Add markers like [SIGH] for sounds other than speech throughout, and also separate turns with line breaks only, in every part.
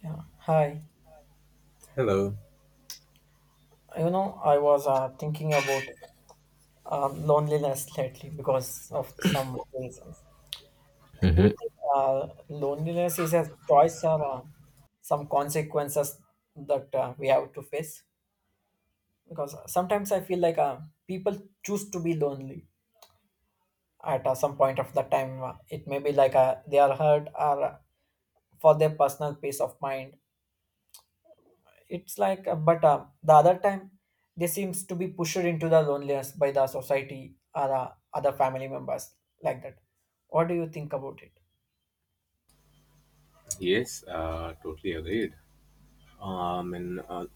Yeah, hi.
Hello.
You know, I was thinking about loneliness lately because of some reasons. Do you think loneliness is a choice or some consequences that we have to face? Because sometimes I feel like people choose to be lonely at some point of the time. It may be like they are hurt or for their personal peace of mind. It's like but The other time they seems to be pushed into the loneliness by the society or other family members, like that. What do you think about it?
Yes, Totally agreed. Um, and uh,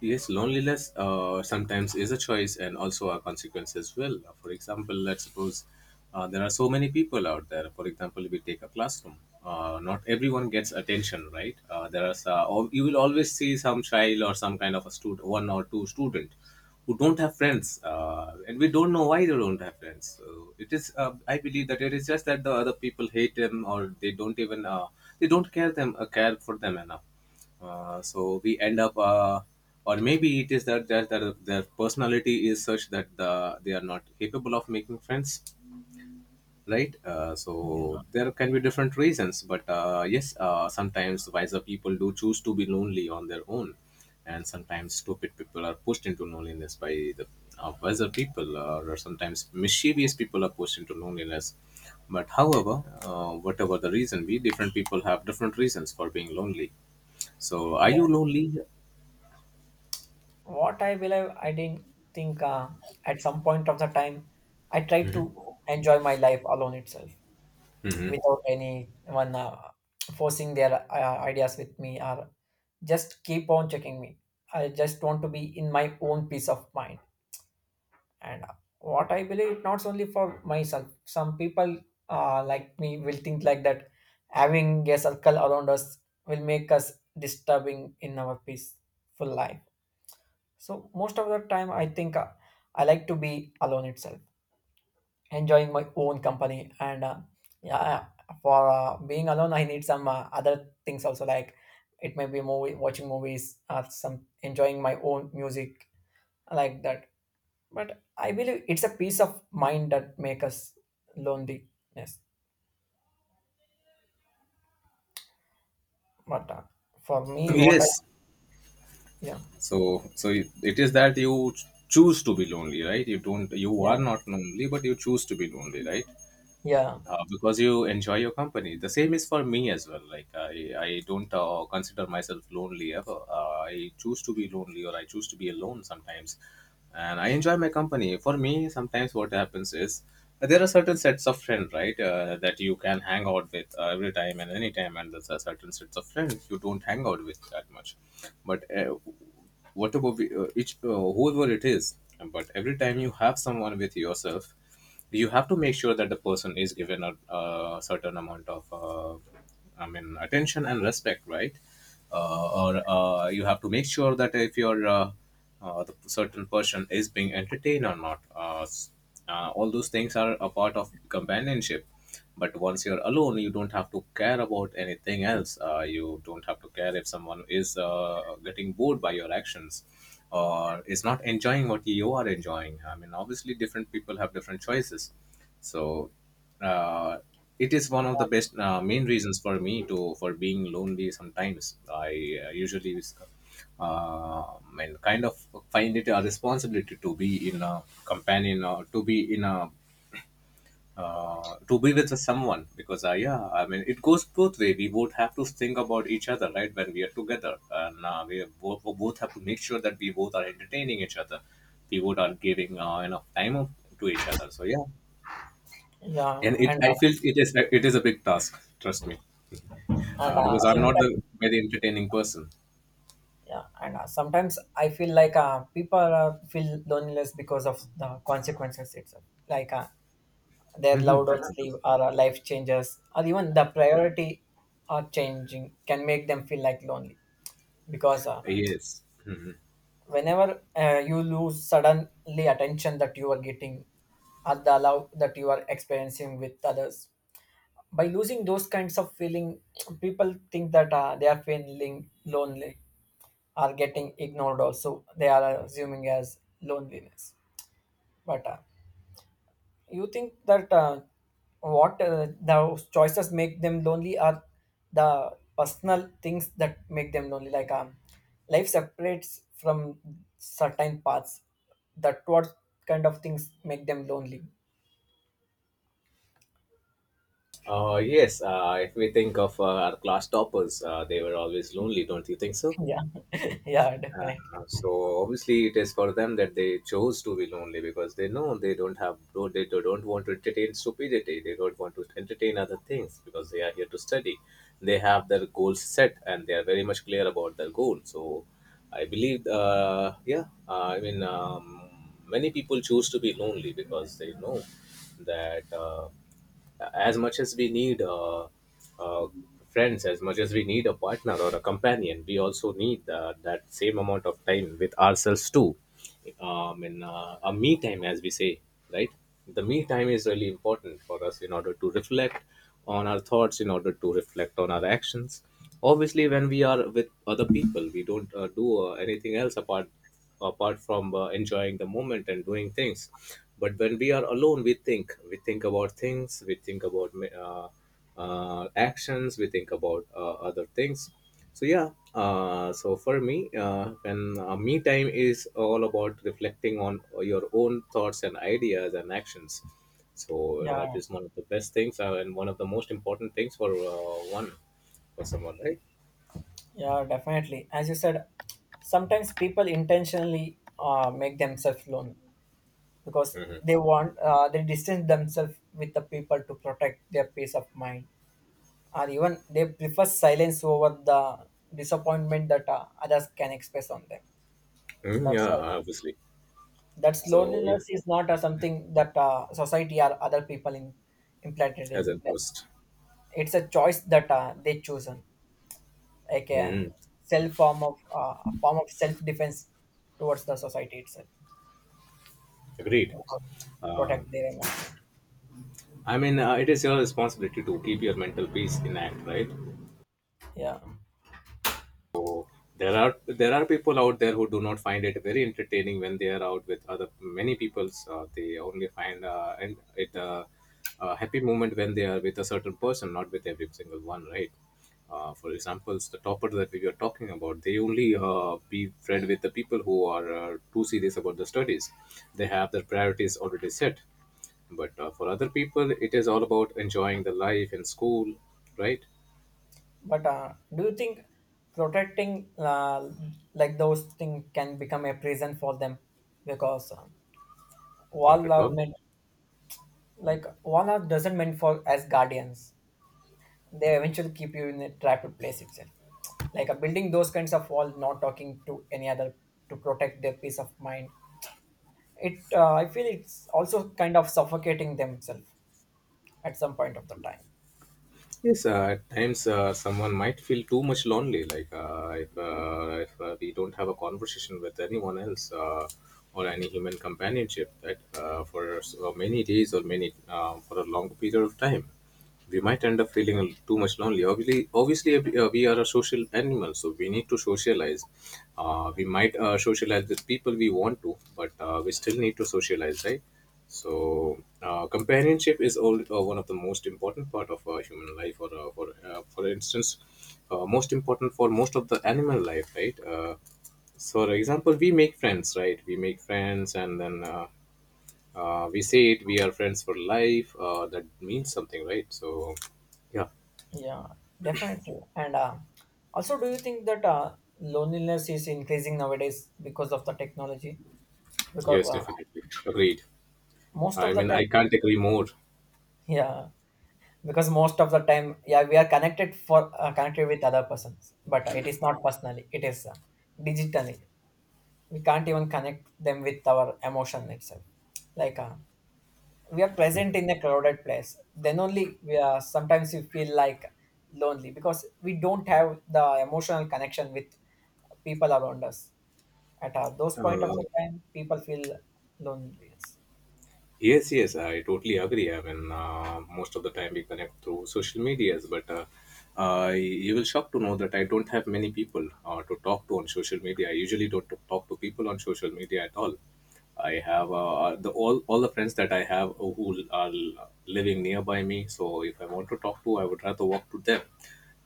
Yes, Loneliness sometimes is a choice and also a consequence as well. For example, let's suppose there are so many people out there. For example, if we take a classroom, not everyone gets attention, right? You will always see some child or some kind of a student, one or two student, who don't have friends, and we don't know why they don't have friends. I believe that it is just that the other people hate them or they don't even they don't care for them enough so we end up or maybe it is that their personality is such that they are not capable of making friends right? So
Yeah,
there can be different reasons, but sometimes wiser people do choose to be lonely on their own, and sometimes stupid people are pushed into loneliness by the wiser people, or sometimes mischievous people are pushed into loneliness. But however, whatever the reason be, different people have different reasons for being lonely. So are you
yeah.
lonely?
What I believe, I didn't think at some point of the time, I tried to enjoy my life alone itself, without anyone forcing their ideas with me or just keep on checking me. I just want to be in my own peace of mind. And what I believe, not only for myself, some people like me will think like that. Having a circle around us will make us disturbing in our peaceful life. So most of the time I think I like to be alone itself, enjoying my own company. And yeah For being alone, I need some other things also, like it may be movie watching movies or some enjoying my own music, like that. But I believe it's a peace of mind that make us loneliness. But for me what I
Yes.
yeah
So it is that you choose to be lonely, right? You
yeah
are not lonely, but you choose to be lonely, right?
yeah
Because you enjoy your company. The same is for me as well. Like I don't consider myself lonely ever. I choose to be lonely or I choose to be alone sometimes, and I enjoy my company. For me, sometimes what happens is there are certain sets of friends, right, that you can hang out with every time and any time, and there's a certain sets of friends you don't hang out with that much. But whatever we, each whoever it is, but every time you have someone with yourself you have to make sure that the person is given a certain amount of I mean attention and respect, right? Or You have to make sure that if you're the certain person is being entertained or not. All those things are a part of companionship, but once you're alone you don't have to care about anything else. You don't have to care if someone is getting bored by your actions or is not enjoying what you are enjoying. I mean, obviously different people have different choices, so uh, it is one of the best main reasons for me to for being lonely sometimes. I uh, usually uh, and kind of find it a responsibility to be in a companion or to be in a to be with someone, because yeah, I mean, it goes both way. We both have to think about each other, right, when we are together, and we both have to make sure that we both are entertaining each other, we both are giving enough time to each other, so yeah.
yeah
And it
and
I
uh,
feel it is a big task, trust me.
and
Because I'm not the
sometimes
very entertaining person.
yeah and Sometimes I feel like people feel loneliness because of the consequences itself. Like their loved
[LAUGHS] It
ones leave or life changes, or even the priority are changing can make them feel like lonely. Because
is. Yes.
whenever you lose suddenly attention that you are getting at the love that you are experiencing with others, by losing those kinds of feeling, people think that they are feeling lonely, or getting ignored also they are assuming as loneliness. But you think that what the choices make them lonely are the personal things that make them lonely. Like life separates from certain paths. That what kind of things make them lonely.
Yes if we think of our class toppers, they were always lonely, don't you think so?
Yeah, [LAUGHS] yeah, definitely.
So obviously it is for them that they chose to be lonely, because they know they don't want to entertain stupidity, they don't want to entertain other things because they are here to study. They have their goals set and they are very much clear about their goal. So I believe yeah I mean Many people choose to be lonely because they know that as much as we need uh, friends, as much as we need a partner or a companion, we also need that same amount of time with ourselves too. And A me time, as we say, right? The me time is really important for us in order to reflect on our thoughts, in order to reflect on our actions. Obviously, when we are with other people, we don't do anything else apart from enjoying the moment and doing things. But when we are alone, we think about things, we think about uh, actions, we think about other things. So for me, when me time is all about reflecting on your own thoughts and ideas and actions. So
Yeah,
that is one of the best things and one of the most important things for one for someone, right?
yeah, definitely. As you said, sometimes people intentionally make themselves lonely because they want they distance themselves with the people to protect their peace of mind, or even they prefer silence over the disappointment that others can express on them.
Mm,
That's
yeah,
why
obviously
that
so it
loneliness is not something that society or other people in, implanted in
has a
them.
boost.
It's a choice that they chosen, like a
Mhm.
self form of a form of self defense towards the society itself,
Agreed.
to protect
Um,
their emotions.
I mean, it is your responsibility to keep your mental peace intact, right?
Yeah,
There are people out there who do not find it very entertaining when they are out with other many people. They only find and it a happy moment when they are with a certain person, not with every single one, right? For examples, the topper that we were talking about, they only be friend with the people who are too serious about the studies. They have their priorities already set. But for other people, it is all about enjoying the life in school, right?
but do you think protecting like those things can become a prison for them? Because
Not
wall
at
are
all.
meant, like wall are doesn't meant for as guardians. They eventually keep you in a trapped place itself, like a building those kinds of wall, not talking to any other to protect their peace of mind. It I feel it's also kind of suffocating themselves at some point of the time.
Yes, at times someone might feel too much lonely. Like if we don't have a conversation with anyone else or any human companionship, that many days or many for a long period of time, we might end up feeling too much lonely. Obviously, we are a social animal, so we need to socialize. We might socialize with people we want to, but we still need to socialize, right? So, companionship is all, one of the most important part of human life. Or, for instance, most important for most of the animal life, right? So, for example, we make friends, right? We make friends, and then we say it. We are friends for life. That means something, right? So, yeah,
Yeah, definitely. And also, do you think that loneliness is increasing nowadays because of the technology? Because
yes, definitely agreed.
most
I
of the
mean,
time,
I can't agree more.
yeah, because most of the time, yeah, we are connected for connected with other persons, but it is not personally, it is digitally. We can't even connect them with our emotion itself. Like we are present in a crowded place, then only we are sometimes we feel like lonely because we don't have the emotional connection with people around us. At those point of
Uh,
the time people feel loneliness.
Yes, yes, I totally agree. I mean, most of the time we connect through social medias, but you will shocked to know that I don't have many people to talk to on social media. I usually don't talk to people on social media at all. I have the all the friends that I have who are living nearby me. So if I want to talk to, I would rather walk to them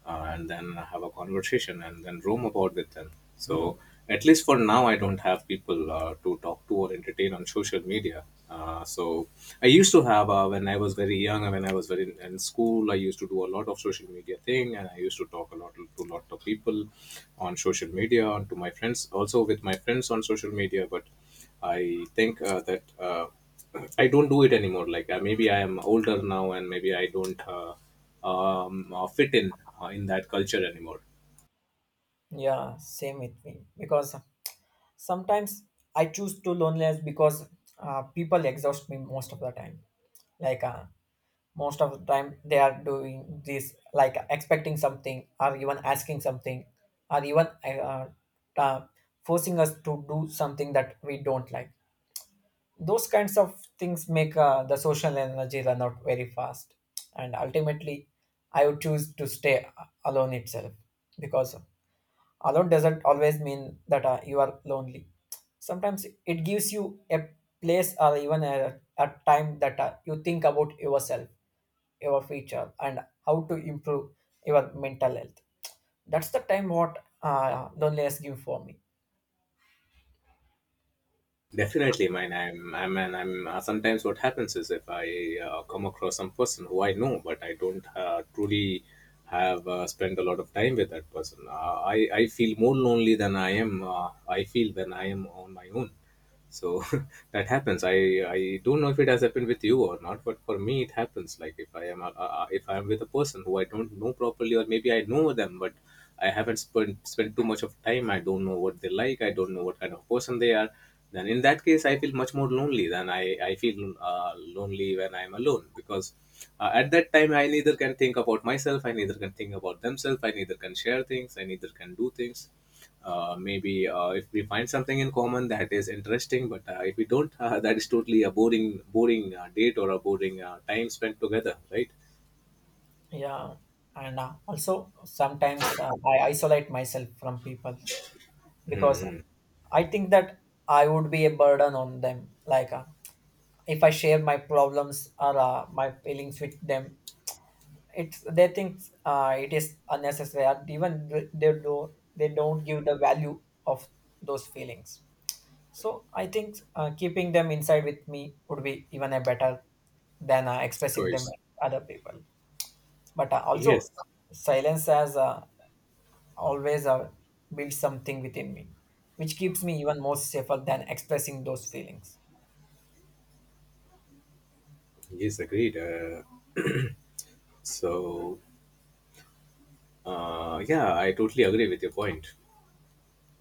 and then have a conversation and then roam about with them. So at least for now, I don't have people to talk to or entertain on social media. So I used to have when I was very young, when I was in school, I used to do a lot of social media thing, and I used to talk a lot to a lot of people on social media, and to my friends, also with my friends on social media. But I think that. I don't do it anymore. Like maybe I am older now, and maybe I don't fit in that culture anymore.
Yeah, same with me, because sometimes I choose to loneliness because people exhaust me most of the time. Like most of the time they are doing this, like expecting something or even asking something, or even uh, forcing us to do something that we don't like. Those kinds of things make the social energy run out very fast. And ultimately, I would choose to stay alone itself, because alone doesn't always mean that you are lonely. Sometimes it gives you a place or even a time that you think about yourself, your future, and how to improve your mental health. That's the time what loneliness give for me.
Definitely, mine. I'm. I'm. And I'm. Sometimes what happens is if I come across some person who I know, but I don't truly have spent a lot of time with that person. I feel more lonely than I am. I feel when I am on my own. So [LAUGHS] that happens. I don't know if it has happened with you or not, but for me it happens like if I am if I am with a person who I don't know properly, or maybe I know them but I haven't spent too much of time, I don't know what they like, I don't know what kind of person they are. Then in that case I feel much more lonely than I feel lonely when I'm alone. Because at that time I neither can think about myself, I neither can think about themselves, I neither can share things, I neither can do things. Maybe If we find something in common that is interesting, but if we don't, that is totally a boring date or a boring time spent together, right?
Yeah, and also sometimes I isolate myself from people because
Mm-hmm.
I think that I would be a burden on them. Like if I share my problems or my feelings with them, it's they think it is unnecessary, and even they do they don't give the value of those feelings. So I think keeping them inside with me would be even a better than expressing them with
Choice.
other people. But also
Yes.
silence has always built something within me, which keeps me even more safer than expressing those feelings.
Yes Agreed. So yeah, I totally agree with your point.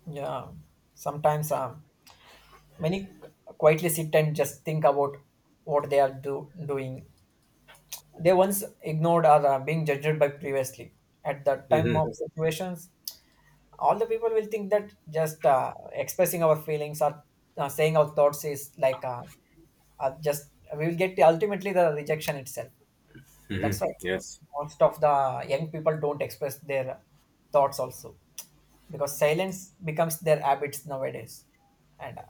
Yeah, sometimes many quietly sit and just think about what they are doing they once ignored or are being judged by previously. At the time
Mm-hmm.
of situations, all the people will think that just expressing our feelings or saying our thoughts is like just we will get ultimately the rejection itself. That's why
yes
most of the young people don't express their thoughts also, because silence becomes their habits nowadays, and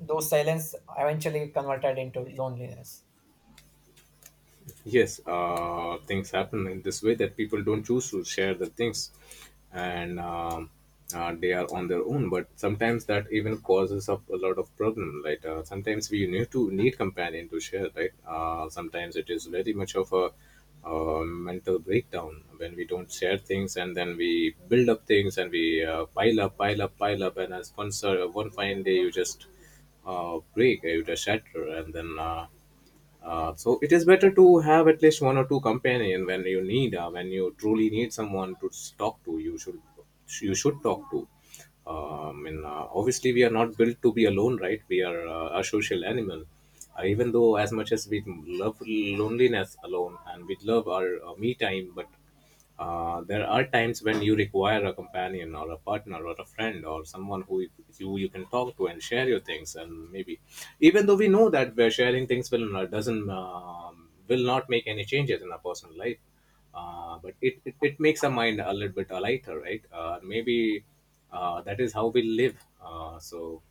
those silence eventually converted into loneliness.
yes, things happen in this way that people don't choose to share the things and they are on their own, but sometimes that even causes of a lot of problem, like sometimes we need to need companion to share, right? Sometimes it is very much of a mental breakdown when we don't share things, and then we build up things and we pile up and as one fine day you just break, you just shatter, and then so it is better to have at least one or two companion when you need, when you truly need someone to talk to, you should talk to. Obviously, we are not built to be alone, right? We are a social animal. Even though, as much as we love loneliness alone, and we love our me time, but there are times when you require a companion or a partner or a friend or someone who you can talk to and share your things. And maybe, even though we know that we're sharing things will not, doesn't will not make any changes in our personal life, but it makes our mind a little bit lighter, right? Maybe that is how we live. uh, so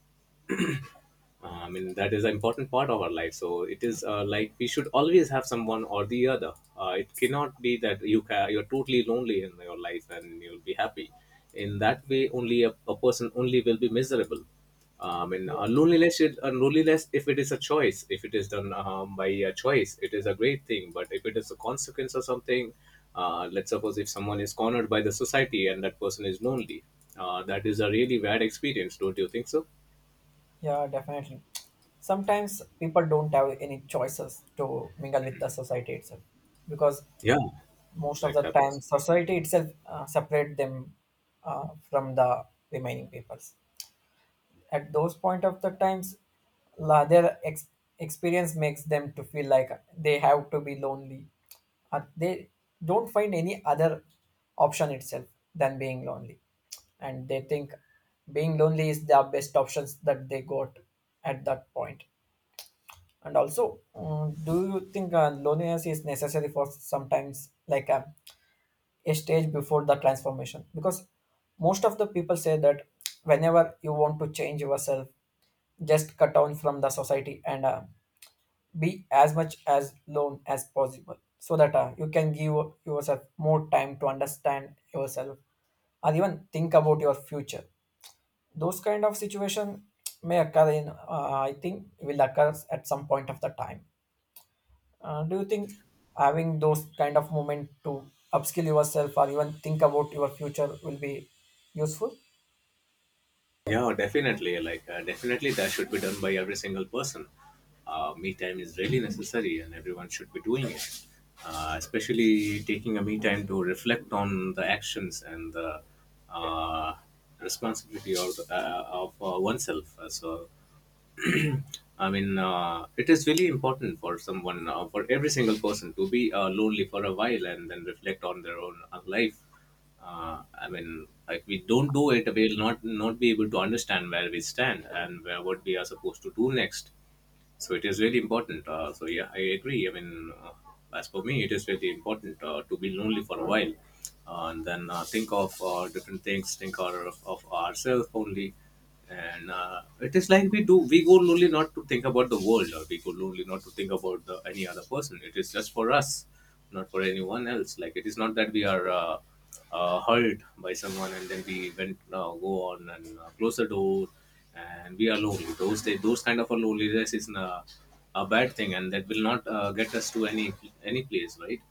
uh, I mean, That is an important part of our life. So it is like we should always have someone or the other. It cannot be that you're totally lonely in your life and you'll be happy. In that way, only a person only will be miserable.
Yeah,
Loneliness, loneliness, if it is a choice, if it is done by a choice, it is a great thing. But if it is a consequence or something, let's suppose if someone is cornered by the society and that person is lonely, that is a really bad experience, don't you think so?
yeah, definitely. Sometimes people don't have any choices to mingle with the society itself, because
Yeah,
most of
that
the time
happens.
society itself separate them from the remaining peoples. At those point of the times, their experience makes them to feel like they have to be lonely. They don't find any other option itself than being lonely, and they think being lonely is the best options that they got at that point. And also, do you think loneliness is necessary for sometimes like a stage before the transformation? Because most of the people say that whenever you want to change yourself, just cut down from the society and be as much as lone as possible, so that you can give yourself more time to understand yourself or even think about your future. Those kind of situation may occur I think, will occur at some point of the time. Do you think having those kind of moment to upskill yourself or even think about your future will be useful?
Yeah, definitely. Like, definitely, that should be done by every single person. Me time is really necessary, and everyone should be doing it. Especially taking a me time to reflect on the actions and the uh, responsibility of oneself. It is really important for someone, for every single person to be lonely for a while and then reflect on their own life. If we don't do it, we'll not be able to understand where we stand and where what we are supposed to do next. So it is really important. So yeah, I agree. As for me, it is really important to be lonely for a while and then think of different things, think of ourselves only. And it is like we do, we go lonely not to think about the world, or we go lonely not to think about any other person. It is just for us, not for anyone else. Like, it is not that we are hurt by someone and then we went go on and close the door and we are lonely. Those kind of a loneliness is a bad thing, and that will not get us to any place, right?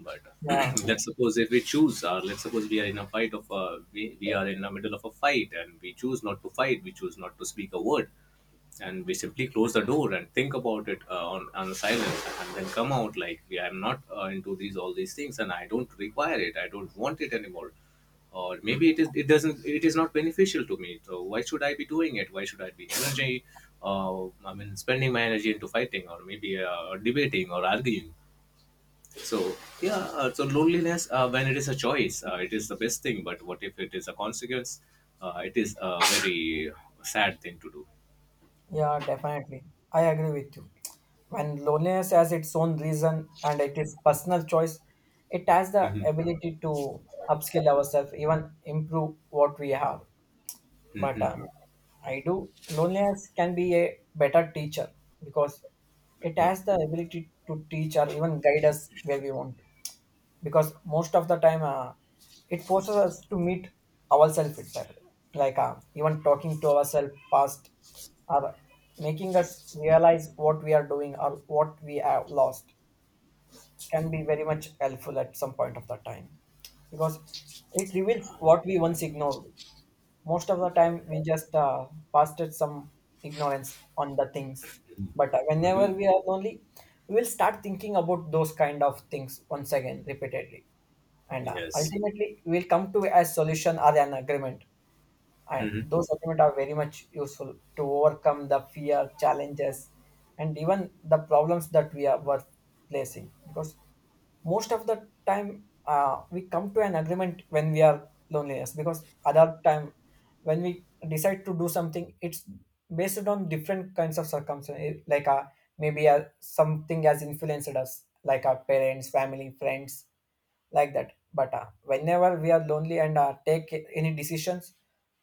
But
Yeah,
[CLEARS THROAT] let's suppose if we choose, or let's suppose we are in a fight of a we are in the middle of a fight and we choose not to fight, we choose not to speak a word, and we simply close the door and think about it on silence, and then come out like, I'm not into these all these things and I don't require it, I don't want it anymore. Or maybe it is it doesn't it is not beneficial to me, so why should I be doing it? Why should I be energy, spending my energy into fighting, or maybe debating or arguing? So yeah uh, so loneliness, when it is a choice, it is the best thing. But what if it is a consequence? It is a very sad thing to do.
yeah, definitely. I agree with you. When loneliness has its own reason and it is personal choice, it has the
Mhm.
ability to upskill ourselves, even improve what we have. But
Mhm.
I do loneliness can be a better teacher, because it has the ability to teach or even guide us where we want. Because most of the time it forces us to meet ourselves itself, like even talking to ourselves past, or making us realize what we are doing or what we have lost can be very much helpful at some point of the time. Because it reveals what we once ignored. Most of the time we just passed it some ignorance on the things. But whenever we are lonely, we will start thinking about those kind of things once again repeatedly, and
Yes.
ultimately we'll come to a solution or an agreement. And
Hmm.
those agreements are very much useful to overcome the fear challenges and even the problems that we are were facing. Because most of the time we come to an agreement when we are loneliness. Because other time, when we decide to do something, it's based on different kinds of circumstances. Like maybe something has influenced us, like our parents, family, friends, like that. But whenever we are lonely and take any decisions,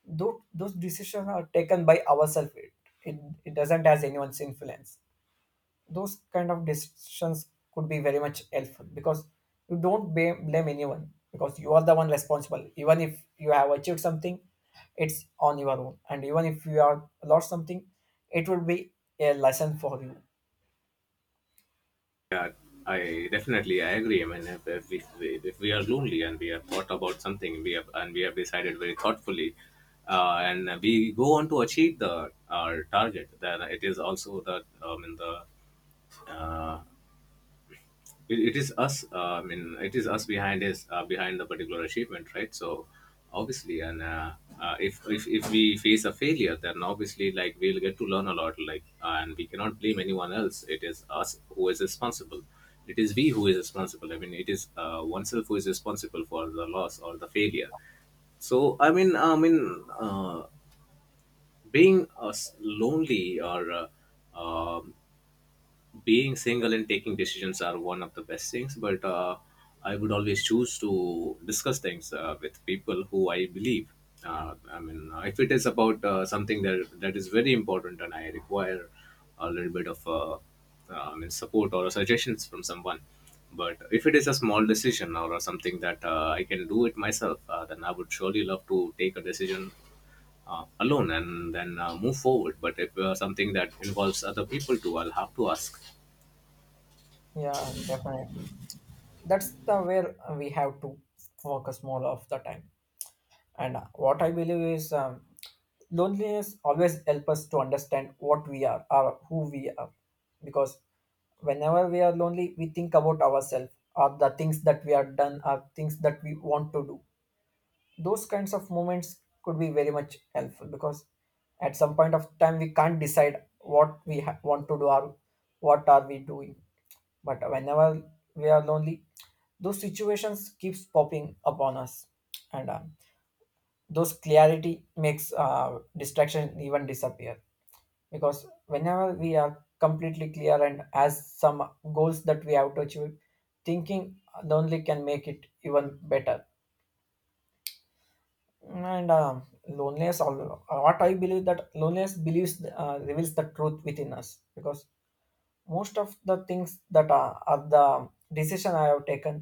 those decisions are taken by ourselves. It, it, it doesn't has anyone's influence. Those kind of decisions could be very much helpful, because you don't blame anyone, because you are the one responsible. Even if you have achieved something, it's on your own, and even if you are lost something, it will be a lesson for you.
I definitely, I agree. I mean, if we are lonely and we have thought about something, we have decided very thoughtfully, and we go on to achieve the our target, then it is also the in the uh, it is us, it is us behind, is behind the particular achievement, right? So obviously. And if, if we face a failure, then obviously, like, we'll get to learn a lot, like. And we cannot blame anyone else, it is us who is responsible, it is we who is responsible. It is oneself who is responsible for the loss or the failure. so I mean, I mean, uh, Being lonely or uh, um being single and taking decisions are one of the best things. But I would always choose to discuss things with people who I believe. If it is about something that is very important and I require a little bit of support or suggestions from someone. But if it is a small decision or something that I can do it myself, then I would surely love to take a decision alone and then move forward. But if something that involves other people too, I'll have to ask.
Yeah, definitely. That's the where we have to focus more of the time. And what I believe is loneliness always helps us to understand what we are or who we are. Because whenever we are lonely, we think about ourselves, or the things that we are done, or things that we want to do. Those kinds of moments could be very much helpful, because at some point of time we can't decide what want to do or what are we doing. But whenever we are lonely, those situations keeps popping upon us, and those clarity makes distraction even disappear because whenever we are completely clear and as some goals that we have to achieve, thinking lonely can make it even better, and what I believe that loneliness believes reveals the truth within us because most of the things that are the decision I have taken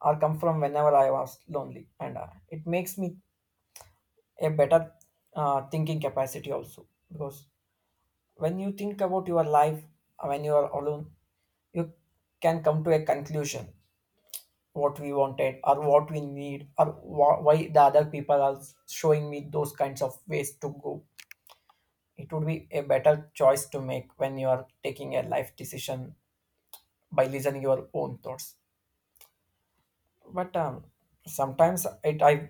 are come from whenever I was lonely, and it makes me a better thinking capacity also, because when you think about your life, when you are alone you can come to a conclusion what we wanted or what we need, or why the other people are showing me those kinds of ways to go. It would be a better choice to make when you are taking a life decision by listening your own thoughts. But sometimes it I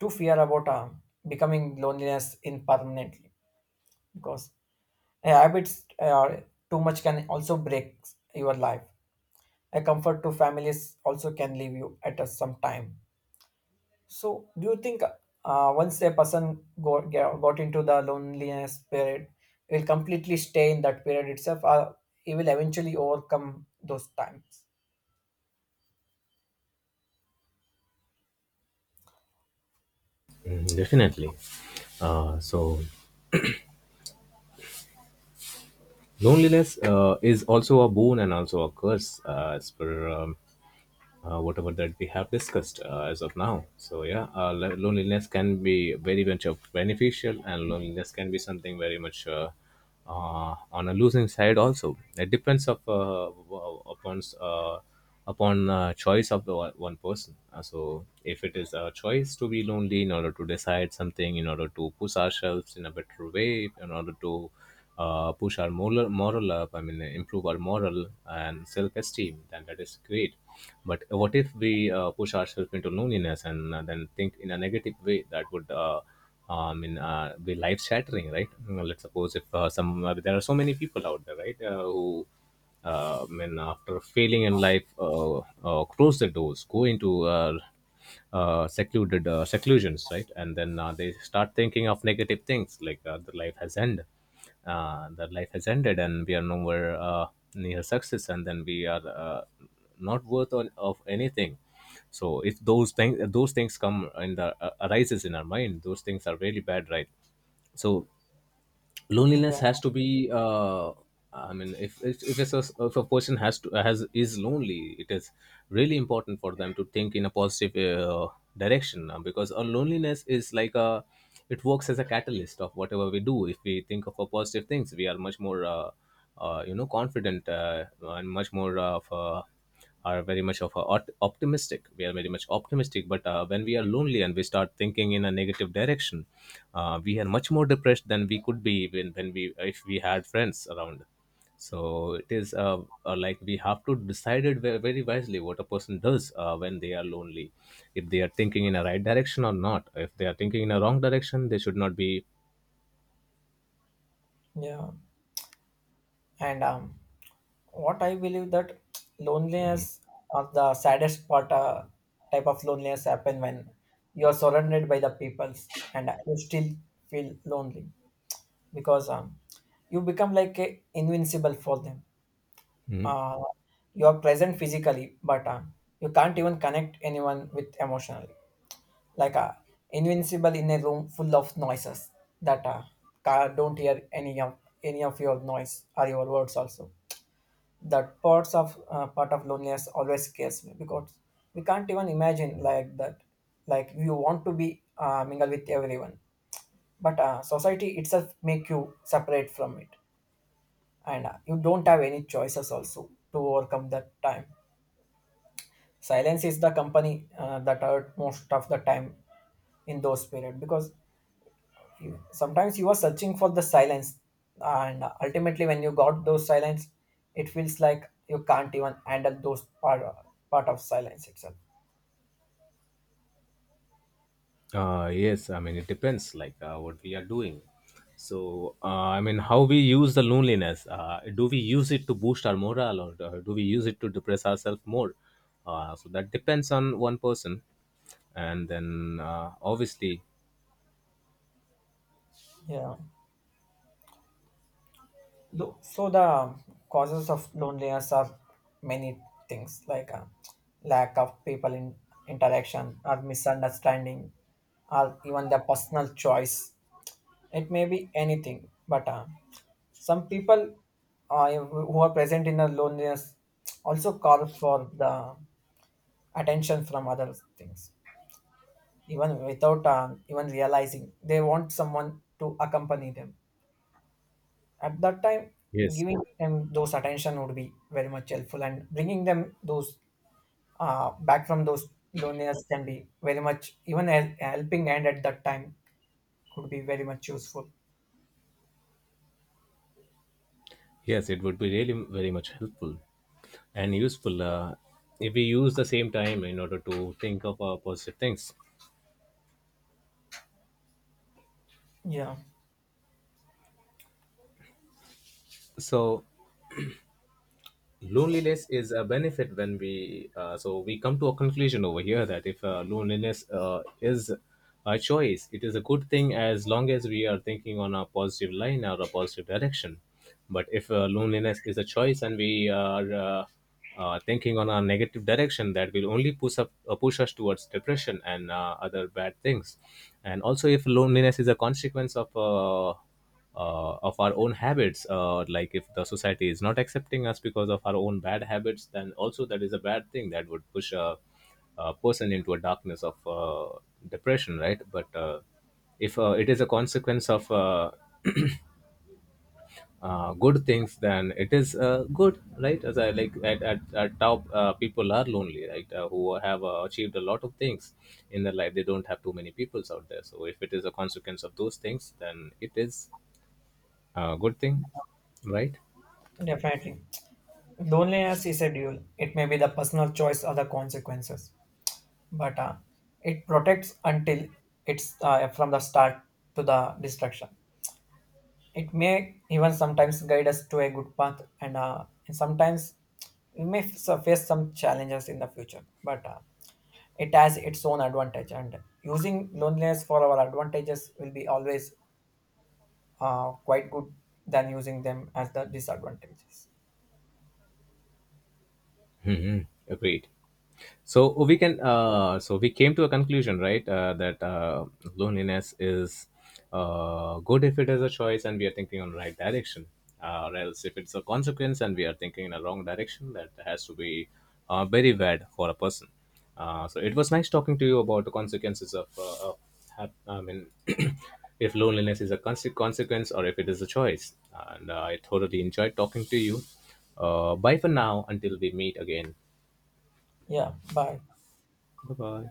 too fear about becoming loneliness in permanently, because habits too much can also break your life. A comfort to families also can leave you at a, some time. So do you think, once a person got into the loneliness period, will completely stay in that period itself, or he will eventually overcome those times?
Mm, definitely. Uh, so Loneliness, is also a boon and also a curse, as per whatever that we have discussed as of now. So yeah, loneliness can be very much of beneficial, and loneliness can be something very much on a losing side also. It depends of upon choice of the one person. So if it is a choice to be lonely in order to decide something, in order to push ourselves in a better way, in order to push our moral up, I mean, improve our moral and self esteem, then that is great. But what if we push ourselves into loneliness and then think in a negative way, that would be life shattering, right? Mm, let's suppose if some there are so many people out there, right, who after failing in life, close the doors, go into secluded seclusions, right? And then they start thinking of negative things, like the life has ended, that life has ended, and we are nowhere near success, and then we are not worth of anything. So if those things come in the arises in our mind, those things are really bad, right? So
Yeah,
loneliness has to be if it's a, if a person has to has is lonely, it is really important for them to think in a positive direction, because our loneliness is like a, it works as a catalyst of whatever we do. If we think of a positive things, we are much more you know, confident, and much more of are very much of a optimistic, we are very much optimistic. But when we are lonely and we start thinking in a negative direction, we are much more depressed than we could be when we, if we had friends around. So it is like we have to decide it very wisely what a person does when they are lonely, if they are thinking in a right direction or not. If they are thinking in a wrong direction, they should not be.
yeah. And what I believe that loneliness, or the saddest part, type of loneliness happen when you are surrounded by the peoples and you still feel lonely, because you become like a invincible for them.
Mm,
Uh, you are present physically, but you can't even connect anyone with emotionally. Like invincible in a room full of noises that don't hear any of your noise or your words also. That parts of part of loneliness always scares me because we can't even imagine like that. Like you want to be mingle with everyone, but society itself make you separate from it, and you don't have any choices also to overcome that time. Silence is the company that hurt most of the time in those period, because you, sometimes you are searching for the silence, and ultimately when you got those silence, it feels like you can't even handle part of silence itself.
Yes, I mean, it depends, like what we are doing. So, how we use the loneliness. Do we use it to boost our morale, or do we use it to depress ourselves more? That depends on one person. And then, obviously,
Yeah. So the causes of loneliness are many things, like lack of people in interaction, or misunderstanding, or even the personal choice. It may be anything, but some people who are present in the loneliness also call for the attention from other things, even without even realizing they want someone to accompany them. At that time,
yes,
giving them those attention would be very much helpful, and bringing them those back from those loneliness can be very much even a helping hand at that time, could be very much useful.
yes, it would be really very much helpful and useful, if we use the same time in order to think of positive things.
Yeah,
So,
so
loneliness is a benefit when we so we come to a conclusion over here that if loneliness is a choice, it is a good thing as long as we are thinking on a positive line or a positive direction. But if loneliness is a choice and we are thinking on a negative direction, that will only push us towards depression and other bad things. And also, if loneliness is a consequence of our own habits, like if the society is not accepting us because of our own bad habits, then also that is a bad thing that would push a person into a darkness of depression, right? But if it is a consequence of good things, then it is good, right? As I like, at top, people are lonely, right, who have achieved a lot of things in their life. They don't have too many peoples out there. So if it is a consequence of those things, then it is a good thing, right?
definitely, loneliness is a dual. It may be the personal choice or the consequences, but it protects until it's from the start to the destruction. It may even sometimes guide us to a good path, and sometimes we may so face some challenges in the future. But it has its own advantage, and using loneliness for our advantages will be always quite good than using them as the disadvantages.
Mm-hmm. Agreed. So we can so we came to a conclusion, right, that loneliness is good if it is a choice and we are thinking on right direction, or else if it's a consequence and we are thinking in a wrong direction, that has to be very bad for a person. So it was nice talking to you about the consequences of hap- i mean [CLEARS THROAT] if loneliness is a consequence or if it is a choice, and I thoroughly enjoyed talking to you. Bye for now, until we meet again.
Yeah, bye.
Bye bye.